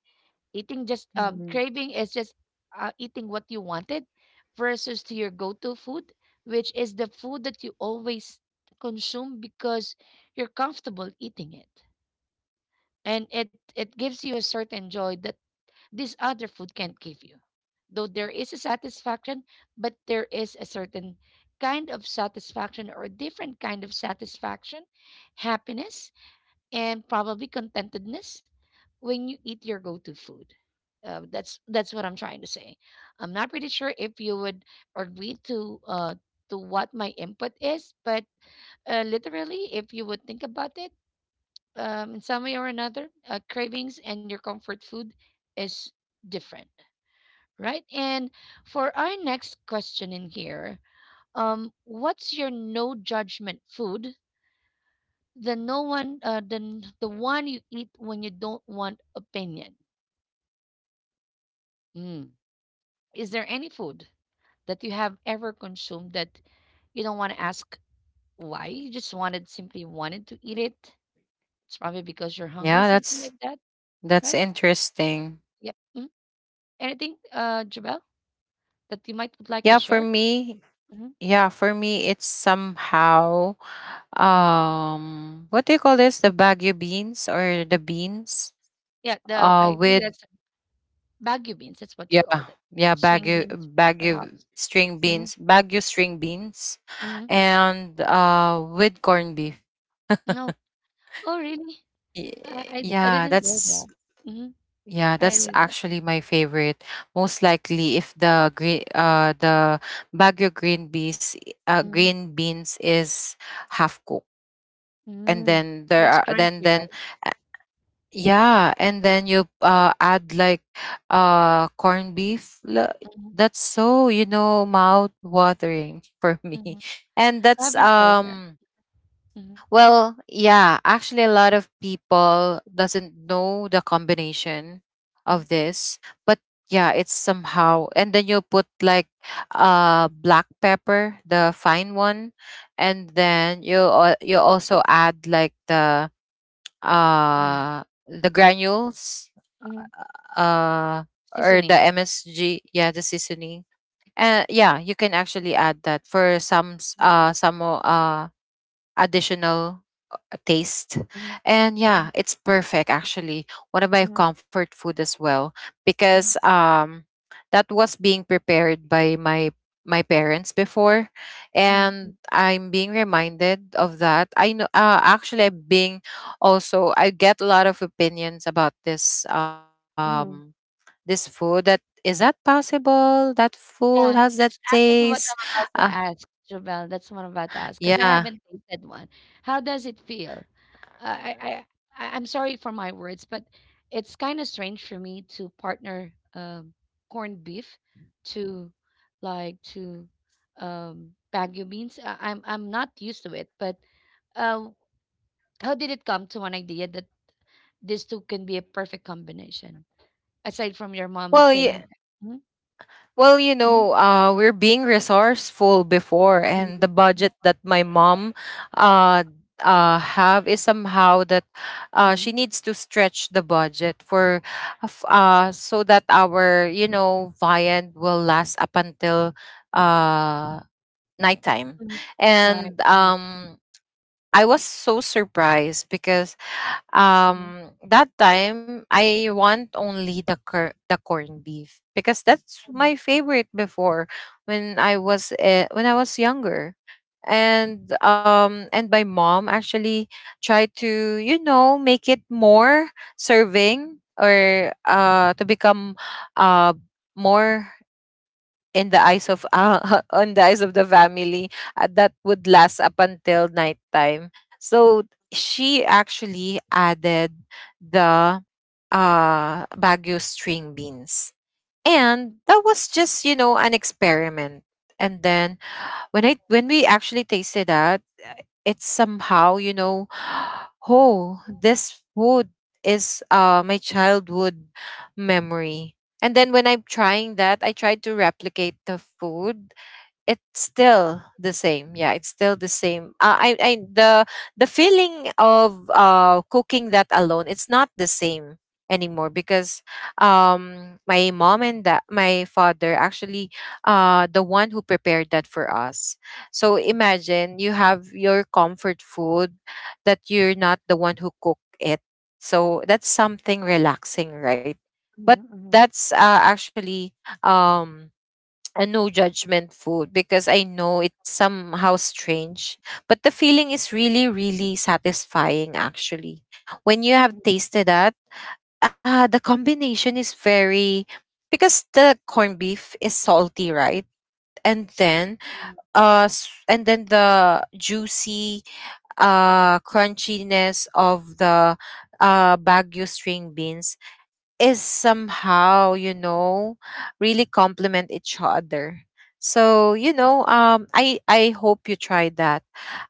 S1: Eating just
S2: Mm-hmm.
S1: craving is just eating what you wanted, versus to your go-to food, which is the food that you always consume because you're comfortable eating it, and it it gives you a certain joy that this other food can't give you. Though there is a satisfaction, but there is a certain kind of satisfaction, or a different kind of satisfaction, happiness, and probably contentedness when you eat your go-to food. That's what I'm trying to say. I'm not pretty sure if you would agree to what my input is, but literally, if you would think about it, in some way or another, cravings and your comfort food is different, right? And for our next question in here, what's your no judgment food? The no one, the one you eat when you don't want opinion. Mm. Is there any food that you have ever consumed that you don't want to ask why? You just wanted, simply wanted to eat it. It's probably because you're hungry,
S3: yeah
S1: something
S3: that's
S1: like that,
S3: that's
S1: right?
S3: interesting.
S1: Yep. Hmm. Anything, Jabel, that you might would like to
S3: yeah for
S1: share?
S3: me
S1: Hmm.
S3: yeah, for me, it's somehow what do you call this, the baguio beans or the beans
S1: Yeah, the I think
S3: with
S1: that's bagu beans. That's what you
S3: yeah,
S1: called it.
S3: yeah,
S1: String
S3: baguio,
S1: beans, perhaps. Hmm.
S3: baguio string beans
S1: Hmm.
S3: and with corned beef.
S1: No. Oh, really?
S3: Y-
S1: I I
S3: yeah
S1: didn't know that.
S3: that's
S1: Hmm.
S3: Yeah,
S1: I
S3: that's
S1: really know.
S3: actually my favorite. Most likely, if the Baguio green beans,
S1: Mm-hmm.
S3: is half cooked, and
S1: Mm.
S3: then
S1: So
S3: there
S1: it's
S3: are
S1: crunchy,
S3: then,
S1: right?
S3: uh, yeah, and then you add like corned beef.
S1: Mm-hmm.
S3: That's so, you know, mouth watering [laughs] for
S1: Mm-hmm.
S3: me, and
S1: I
S3: that's
S1: haven't tried that. Mm-hmm.
S3: well, yeah, actually a lot of people doesn't know the combination of this, but yeah, it's somehow. And then you put like black pepper, the fine one, and then you also add like
S1: Mm-hmm.
S3: the granules
S1: Mhm.
S3: uh or the
S1: Seasoning.
S3: MSG, yeah, the seasoning. And yeah, you can actually add that for
S1: Mhm.
S3: some additional taste.
S1: Mhm.
S3: And
S1: Mhm.
S3: yeah, it's perfect actually. One of my
S1: Mhm.
S3: comfort food as well, because
S1: Mhm.
S3: that was being prepared by my parents before,
S1: Mhm. Mhm.
S3: and I'm being reminded of that. I know, actually I'm being also, I get a lot of opinions about this,
S1: Mhm.
S3: this food. That is that possible? That food, how's
S1: Yeah,
S3: that
S1: that's actually
S3: taste?
S1: what I'm about
S3: Uh,
S1: to ask, Jobelle. That's what I'm about to ask because I
S3: yeah.
S1: haven't tasted one. How does it feel? Uh, I, I, I'm sorry for my words, but it's kind of strange for me to partner corned beef to, like, to bagu beans. I'm not used to it, but uh, how did it come to an idea that these two can be a perfect combination? Aside from your mom
S3: Well, yeah.
S1: saying that. Mhm.
S3: Well, you
S1: Mhm.
S3: know, we're being resourceful before,
S1: Mhm.
S3: and the
S1: Mhm.
S3: budget that my mom uh, have is somehow that she
S1: Mhm.
S3: needs to stretch the budget so that our, you know, viand will last up until uh, nighttime.
S1: Mhm. Right.
S3: And
S1: Mhm.
S3: I was so surprised because
S1: Mhm.
S3: that time, I want only the corned beef, because that's
S1: Mhm.
S3: my favorite before, when I was younger. And my mom actually tried to, you know, make it more serving, or to become uh more in the eyes of, [laughs] on the eyes of the family, that would last up until nighttime. So she actually added the Baguio string beans. And that was just, you know, an experiment. And then when we actually tasted that, it's somehow, you know, [gasps] oh, this food is my childhood memory. And then when I'm trying that, I try to replicate the food, it's still the same. Yeah, it's still the same. I The feeling of cooking that alone, it's not the same anymore, because my mom and that my father actually the one who prepared that for us. So imagine you have your comfort food that you're not the one who cook it. So that's something relaxing, right?
S1: Mhm. Mhm.
S3: But
S1: Mhm.
S3: that's, actually um a no judgment food, because I know it's somehow strange. But the feeling is really, really satisfying actually. When you have
S1: Mhm.
S3: tasted that, the combination is very, because the corned beef is salty, right? And then
S1: Mhm.
S3: and then the juicy crunchiness of the Baguio string beans is somehow, you know, really complement each other. So, you know, I hope you try that.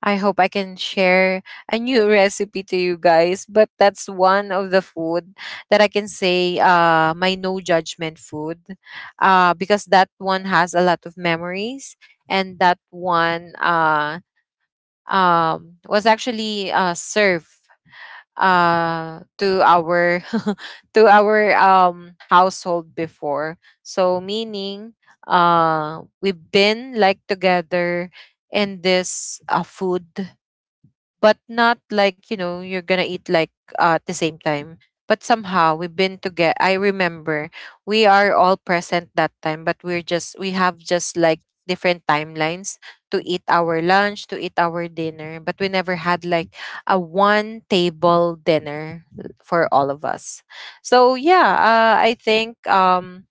S3: I hope I can share a new [laughs] recipe to you guys. But that's one of the food that I can say, my no judgment food, because that one has a lot of memories, and that one was actually served to our [laughs] to our, household before. So meaning, we've been like together in this, food, but not like, you know, you're gonna eat like, at the same time, but somehow we've been together. I remember we are all present that time, but we have just like different timelines to eat our lunch, to eat our dinner, but we never had like a one table dinner for all of us. So yeah, I think um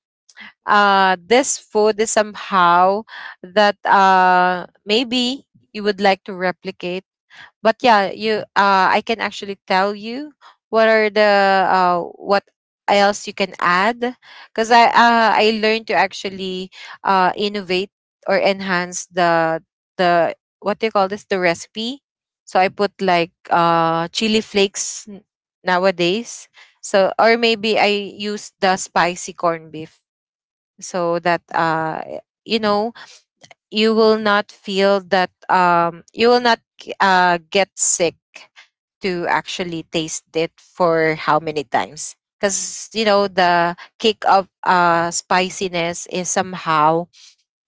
S3: uh this food is somehow that, maybe you would like to replicate. But yeah, you I can actually tell you what are the what else you can add, because I learned to actually innovate or enhance the the what do you call this, the recipe. So I put like chili flakes nowadays. So, or maybe I use the spicy corned beef, so that you know, you will not get sick to actually taste it for how many times. Because you know, the kick of spiciness is somehow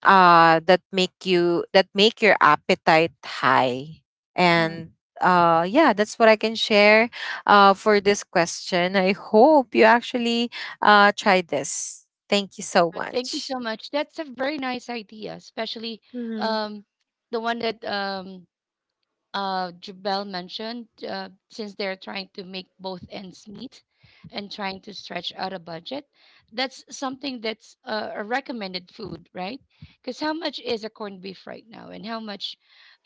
S3: that make your appetite high. And yeah, that's what I can share for this question. I hope you actually try this. Thank you so
S1: Thank you
S3: much.
S1: so much. That's a very nice idea, especially
S2: Mm-hmm.
S1: um, the one that Jubel mentioned, since they're trying to make both ends meet and trying to stretch out a budget. That's something that's a recommended food, right? Because how much is a corned beef right now, and how much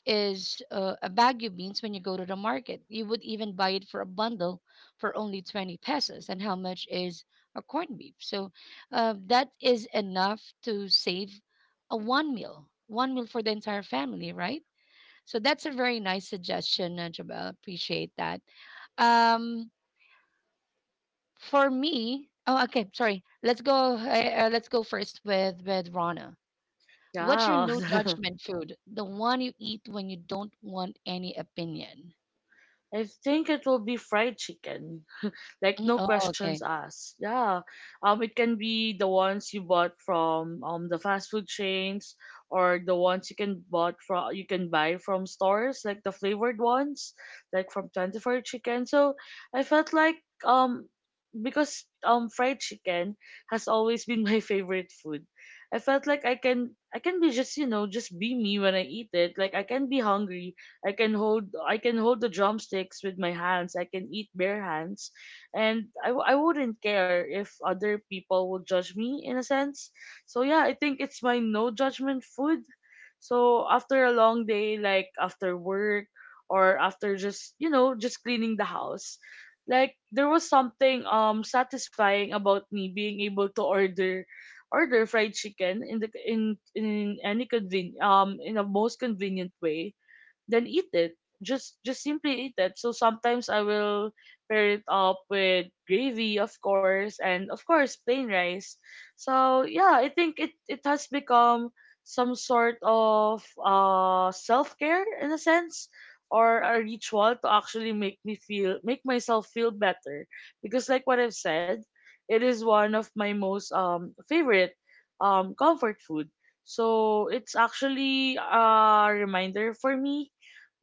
S1: is a bagu beans when you go to the market. You would even buy it for a bundle for only 20 pesos. And how much is a corned beef? So that is enough to save a one meal for the entire family, right? So that's a very nice suggestion, Jabal. Appreciate that. Um, for me, oh, okay, sorry. Let's go. Let's go first with Rana. What's your
S2: Yeah.
S1: no
S2: [laughs]
S1: judgment food? The one you eat when you don't want any opinion.
S2: I think it will be fried chicken, like,
S1: Mm,
S2: no
S1: oh,
S2: questions
S1: okay.
S2: asked. Yeah, it can be the ones you bought from the fast food chains, or the ones you can buy from stores, like the flavored ones, like from 24 Chicken. So I felt like, um because fried chicken has always been [laughs] my favorite food. I felt like I can be just just be me when I eat it. Like I can be hungry. I can hold the drumsticks with my hands. I can eat bare hands. And I wouldn't care if other people would judge me, in a sense. So yeah, I think it's my no judgment food. So after a long day, like after work or after just just cleaning the house, like there was something satisfying about me being able to order fried chicken in the most convenient way, then eat it. Just simply eat it. So sometimes I will pair it up with gravy, of course, and of course plain rice. So yeah, I think it has become some sort of self care, in a sense, or a ritual to actually make myself feel better, because like what I've said, it is one of my most favorite comfort food. So it's actually a reminder for me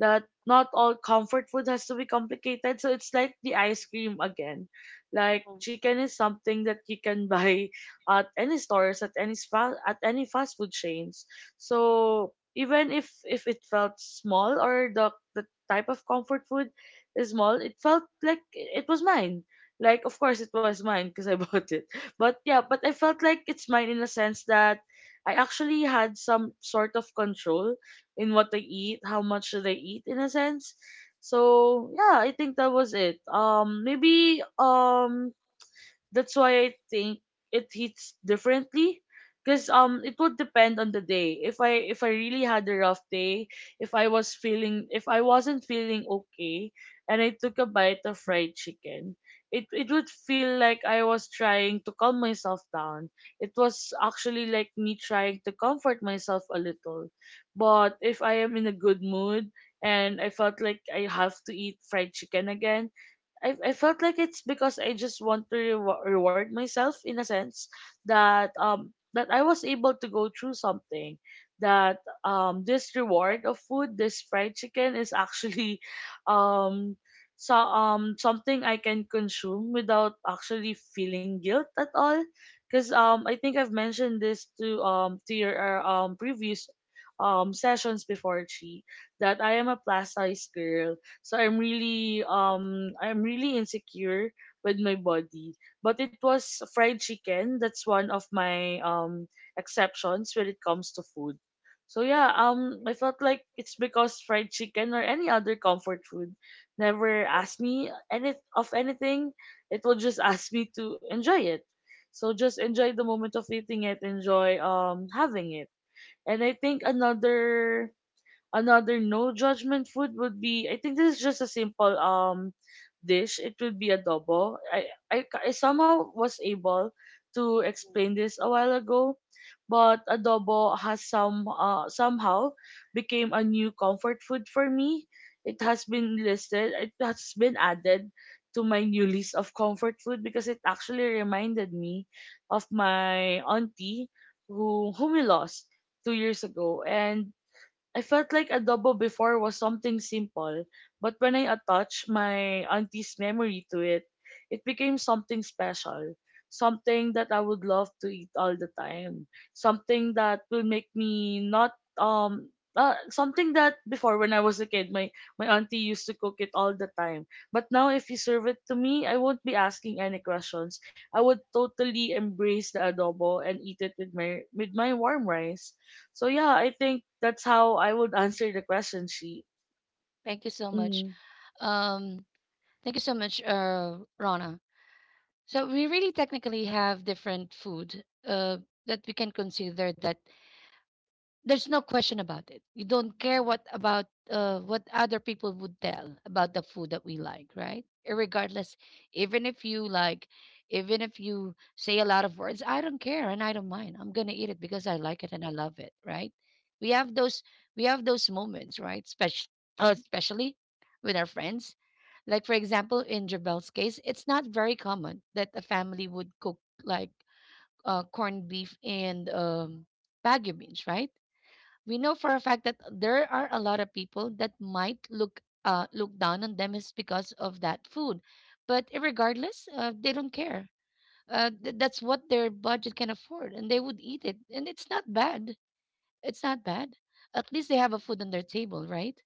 S2: that not all comfort food has to be complicated. So it's like the ice cream again. Like chicken is something that you can [laughs] buy at any stores, at any spa, at any fast food chains. So even if it felt small or the type of comfort food is small, it felt like it was mine. Like of course it was mine because I [laughs] bought it. But yeah, but I felt like it's mine in a sense that I actually had some sort of control in what they eat, how much do they eat, in a sense. So yeah, I think that was it. Maybe that's why I think it hits differently. Cause it would depend on the day. If I really had a rough day, if I was feeling if I wasn't feeling okay and I took a bite of fried chicken, it would feel like I was trying to calm myself down. It was actually like me trying to comfort myself a little. But if I am in a good mood and I felt like I have to eat fried chicken again, I felt like it's because I just want to reward myself, in a sense that that I was able to go through something, that this reward of food this fried chicken is actually [laughs] um so something I can consume without actually feeling guilt at all, because I think I've mentioned this to your previous sessions before, Chi, that I am a plus size girl. So I'm really insecure with my body. But it was fried chicken. That's one of my exceptions when it comes to food. So yeah, I felt like it's because fried chicken or any other comfort food never asked me any of anything. It will just [laughs] ask me to enjoy it. So just enjoy the moment of eating it, enjoy having it. And I think another no judgment food would be, I think this is just a simple dish. It would be adobo. I somehow was able to explain this a while ago, but adobo has somehow became a new comfort food for me. It has been listed. It has been added to my new list of comfort food because it actually reminded me of my auntie whom we lost 2 years ago. And I felt like adobo before was something simple, but when I attached my auntie's memory to it, it became something special, something that I would love to eat all the time, something that will make me not something that before when I was a kid, my auntie used to cook it all the time. But now, if you serve it to me, I won't be asking any questions. I would totally embrace the adobo and eat it with my warm rice. So yeah, I think that's how I would answer the question, She.
S1: Thank you so much.
S2: Mm,
S1: Um, thank you so much, Rana. So we really technically have different food that we can consider, that there's no question about it. You don't care what about what other people would tell about the food that we like, right? Regardless, even if you like, even if you say a lot of words, I don't care and I don't mind. I'm gonna eat it because I like it and I love it, right? We have those we have those moments, right? Especially uh, especially with our friends. Like for example, in Jabel's case, it's not very common that a family would cook like corned beef and bagu beans, right? We know for a fact that there are a lot of people that might look look down on them is because of that food, but regardless, they don't care. That's what their budget can afford, and they would eat it, and it's not bad. It's not bad. At least they have a food on their table, right?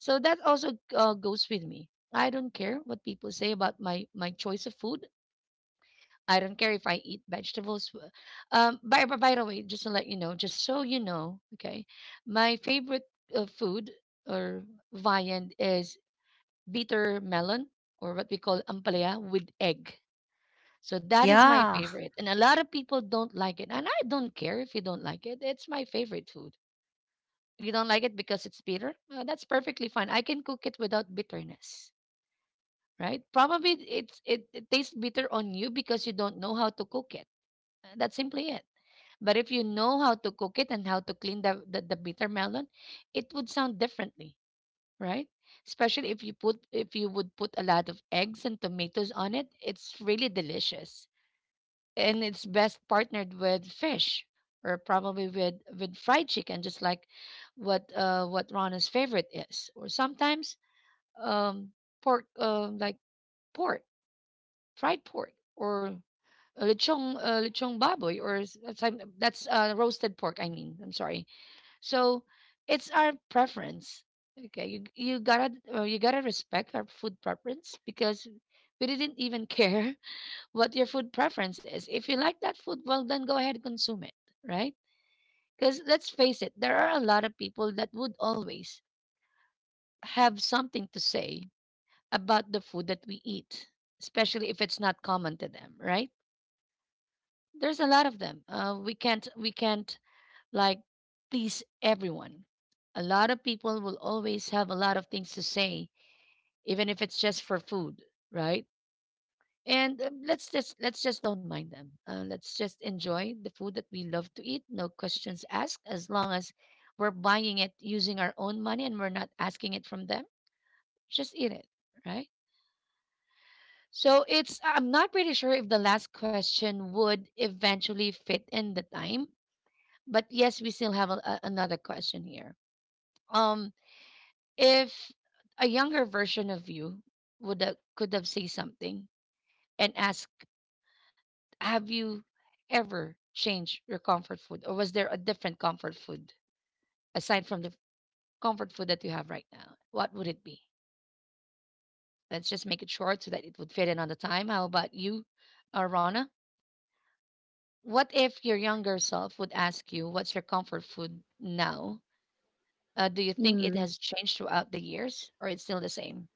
S1: So that also goes with me. I don't care what people say about my choice of food. I don't care if I eat vegetables. By the way, just to let you know, just so you know, okay, my favorite food or viand is bitter melon, or what we call ampalaya with egg. So that is my
S3: Yeah.
S1: favorite, and a lot of people don't like it, and I don't care if you don't like it. It's my favorite food. You don't like it because it's bitter, that's perfectly fine. I can cook it without bitterness, right? Probably it tastes bitter on you because you don't know how to cook it. That's simply it. But if you know how to cook it and how to clean the bitter melon, it would sound differently, right? Especially if you would put a lot of eggs and tomatoes on it, it's really delicious. And it's best partnered with fish, or probably with fried chicken, just like what Rana's favorite is. Or sometimes um pork, like pork, fried pork, or lechong, lechong baboy, or s- that's, I'm- that's roasted pork, I mean. I'm sorry. So it's our preference. Okay, you gotta you gotta respect our food preference, because we didn't even care [laughs] what your food preference is. If you like that food, well then go ahead and consume it, right? Because let's face it, there are a lot of people that would always have something to say about the food that we eat, especially if it's not common to them, right? There's a lot of them. We can't, like, please everyone. A lot of people will always have a lot of things to say, even if it's just for food, right? And let's just Let's just don't mind them. Let's just enjoy the food that we love to eat, no questions asked. As long as we're buying it using our own money and we're not asking it from them, just eat it, right? So it's I'm not pretty sure if the last question would eventually fit in the time, but yes, we still have another question here. Um, If a younger version of you would have, could have said something and asked, "Have you ever changed your comfort food, or was there a different comfort food aside from the comfort food that you have right now?" What would it be? Let's just make it short so that it would fit in on the time. How about you, Rana? What if your younger self would ask you, "What's your comfort food now?" Do you think it
S2: mm.
S1: has changed throughout the years, or it's still the same?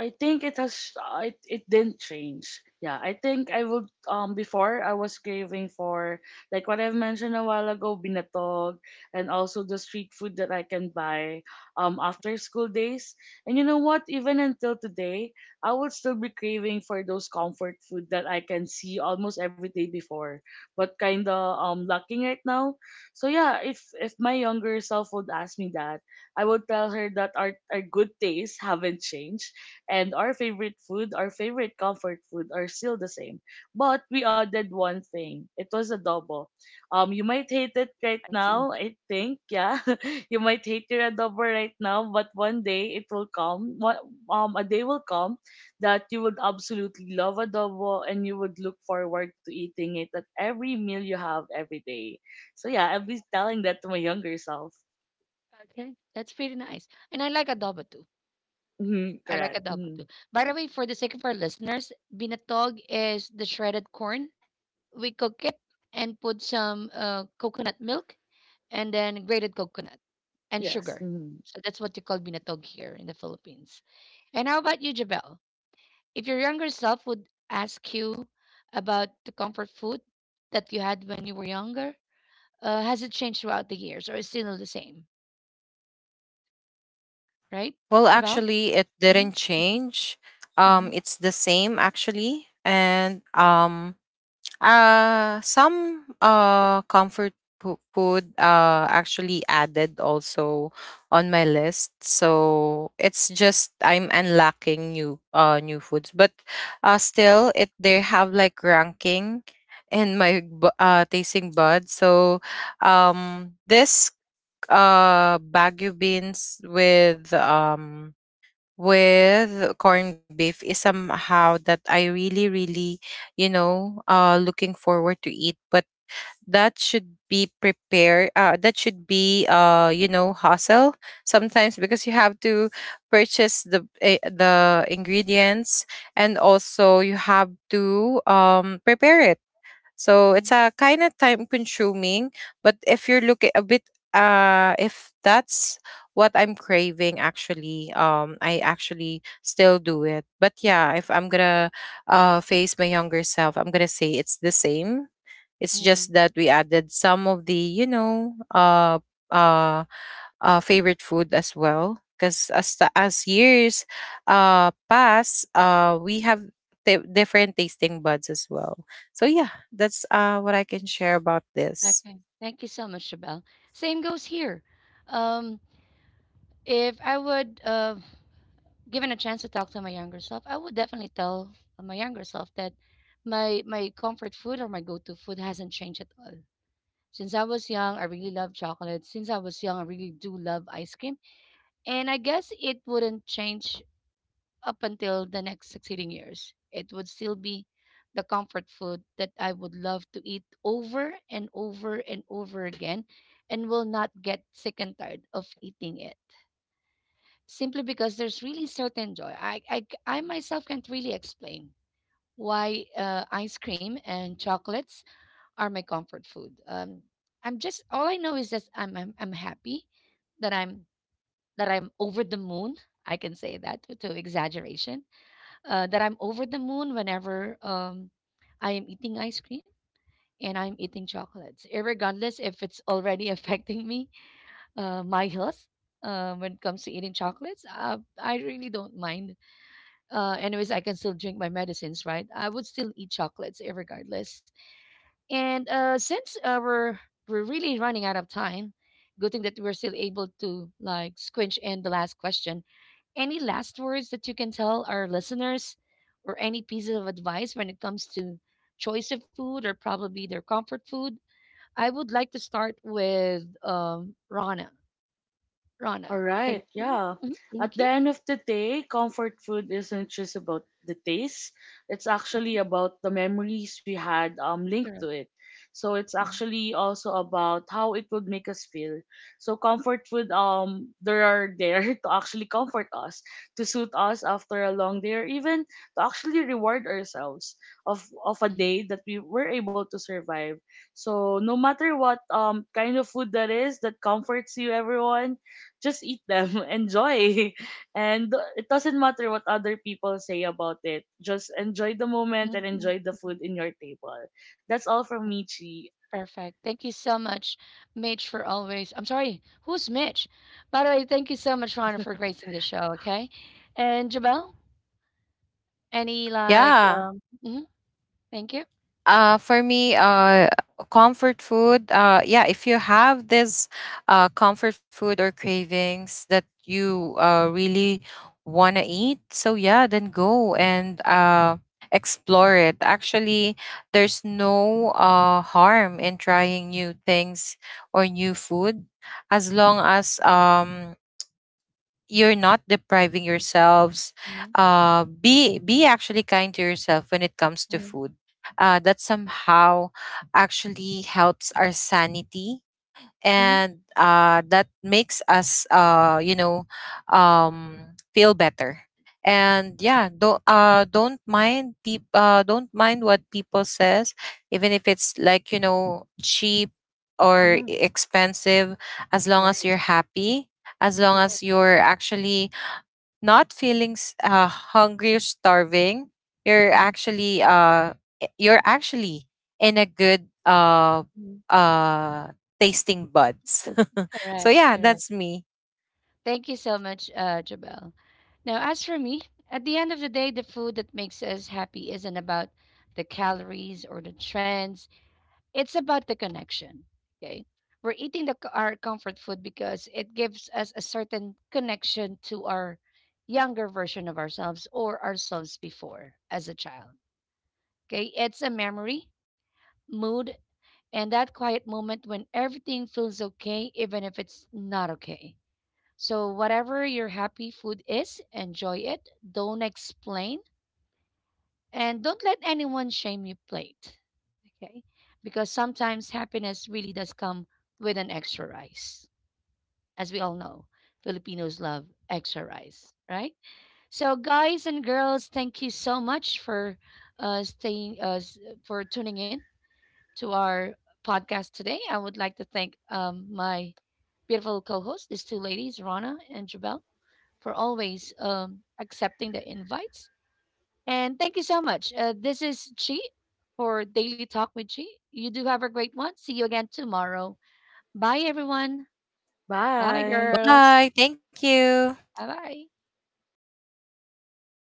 S2: I think it didn't change. Yeah, I think I would before I was craving for, like what I've mentioned a while ago, binatog, and also the street food that I can buy after school days. And you know what, even until today, I would still be craving for those comfort food that I can see almost every day before, but kind of lacking right now. So yeah, if my younger self would ask me that, I would tell her that our good tastes haven't changed, and our favorite food, our favorite comfort food are still the same. But we added one thing. It was adobo. You might hate it right
S1: I see.
S2: now, I think, yeah. [laughs] You might hate your adobo right now, but one day it will come. A day will come that you would absolutely love adobo and you would look forward to eating it at every meal you have every day. So yeah, I'll be telling that to my younger self.
S1: Okay, that's pretty nice, and I like adobo too.
S2: Hmm.
S1: I like
S2: Correct.
S1: adobo
S2: Hmm.
S1: too. By the way, for the sake of our listeners, binatog is the shredded corn. We cook it and put some coconut milk and then grated coconut and
S2: Yes.
S1: sugar.
S2: Mm-hmm.
S1: So that's what you call binatog here in the Philippines. And how about you, Jabel? If your younger self would ask you about the comfort food that you had when you were younger, has it changed throughout the years or is still the same, right,
S3: Well,
S1: Jabel?
S3: actually, it didn't change.
S1: Mm-hmm.
S3: It's the same actually, and some comfort food actually added also on my list. So it's just I'm unlocking new new foods, but still it, they have like ranking in my tasting bud. So this bagu beans with corned beef is somehow that I really, really, you know, looking forward to eat. But that should be prepared. That should be, you know, hustle sometimes, because you have to purchase the ingredients, and also you have to prepare it. So it's a kind of time consuming. But if you're looking a bit if that's what I'm craving actually, I actually still do it. But yeah, if I'm gonna face my younger self, I'm gonna say it's the same. It's just that we added some of the, you know, uh favorite food as well. Because as years pass, we have different tasting buds as well. So yeah, that's, what I can share about this.
S1: Okay. Thank you so much, Shabelle. Same goes here. Um, if I would, given a chance to talk to my younger self, I would definitely tell my younger self that my comfort food or my go-to food hasn't changed at all. Since I was young, I really love chocolate. Since I was young, I really do love ice cream. And I guess it wouldn't change up until the next succeeding years. It would still be the comfort food that I would love to eat over and over and over again and will not get sick and tired of eating it simply because there's really certain joy. I myself can't really explain why ice cream and chocolates are my comfort food. I'm just All I know is just I'm happy that I'm that I'm over the moon. I can say that to exaggeration, that I'm over the moon whenever I am eating ice cream and I'm eating chocolates, irregardless, if it's already [laughs] affecting me, my health. When it comes to eating chocolates, I really don't mind. Anyways, I can still drink my medicines, right? I would still eat chocolates, irregardless. And since we're really running out of time, good thing that we're still able to, like, squinch in the last question, any last words that you can tell our listeners or any pieces of advice when it comes to choice of food or probably their comfort food? I would like to start with Rana.
S2: All
S1: Rana, can you
S2: right,
S1: please?
S2: yeah.
S1: Mhm.
S2: At
S1: Thank
S2: the
S1: you.
S2: end of the day, comfort food isn't just about the taste. It's actually
S1: Mhm.
S2: about the memories we had linked to
S1: Correct.
S2: it. So it's
S1: Mhm,
S2: actually also about how it would make us feel. So comfort food, there are there [laughs] to actually comfort us, to suit us after a long day, or even to actually reward ourselves of a day
S1: mhm,
S2: that we were able to survive. So no matter what kind of food that is that comforts you, everyone, just eat them, [laughs] enjoy. And it doesn't matter what other people say about it. Just enjoy the moment and
S1: mhm, mhm,
S2: enjoy the
S1: mhm.
S2: food in your table. That's all from me, Chi.
S1: Perfect. Thank you so much, Mitch, for always. I'm sorry, who's Mitch? By the way, thank you so much, Rana, for gracing the show. Okay, and Jabel, any like?
S3: Yeah.
S1: Mhm. Thank you.
S3: For me, comfort food. Yeah, if you have this, comfort food or cravings that you really want to eat, so yeah, then go and explore it. Actually, there's no harm in trying new things or new food, as long as you're not depriving yourselves.
S1: Mhm,
S3: Be actually kind to yourself when it comes to
S1: mhm,
S3: food. That somehow actually helps our sanity,
S1: mhm.
S3: and that makes us, you know, um, feel better. And yeah, don't mind what people says, even if it's like, you know, cheap or
S1: Mhm.
S3: expensive. As long as
S1: Right.
S3: you're happy, as long
S1: Correct.
S3: as you're actually not feeling hungry or starving, you're
S1: Mhm,
S3: actually you're actually in a good
S1: mhm.
S3: uh tasting buds. [laughs] So
S1: Correct.
S3: yeah,
S1: Correct.
S3: that's me.
S1: Thank you so much, Jabel. Now, as for me, at the end of the day, the food that makes us happy isn't about the calories or the trends. It's about the connection. Okay. We're eating the, c- our comfort food because it gives us a certain connection to our younger version of ourselves or ourselves before as a child. Okay. It's a memory, mood, and that quiet moment when everything feels okay, even if it's not okay. So, whatever your happy food is, enjoy it. Don't explain and don't let anyone shame your plate. Okay? Because sometimes happiness really does come with an extra rice. As we all know, Filipinos love extra rice, right? So, guys and girls, thank you so much for uh, staying, uh, s- for tuning in to our podcast today. I would like to thank my beautiful co hosts, these two ladies, Rana and Jabel, for always accepting the invites. And thank you so much. This is Chi for Daily Talk with Chi. You do have a great one. See you again tomorrow. Bye, everyone. Bye,
S2: Bye.
S1: girls.
S3: Bye, thank you.
S1: Bye bye.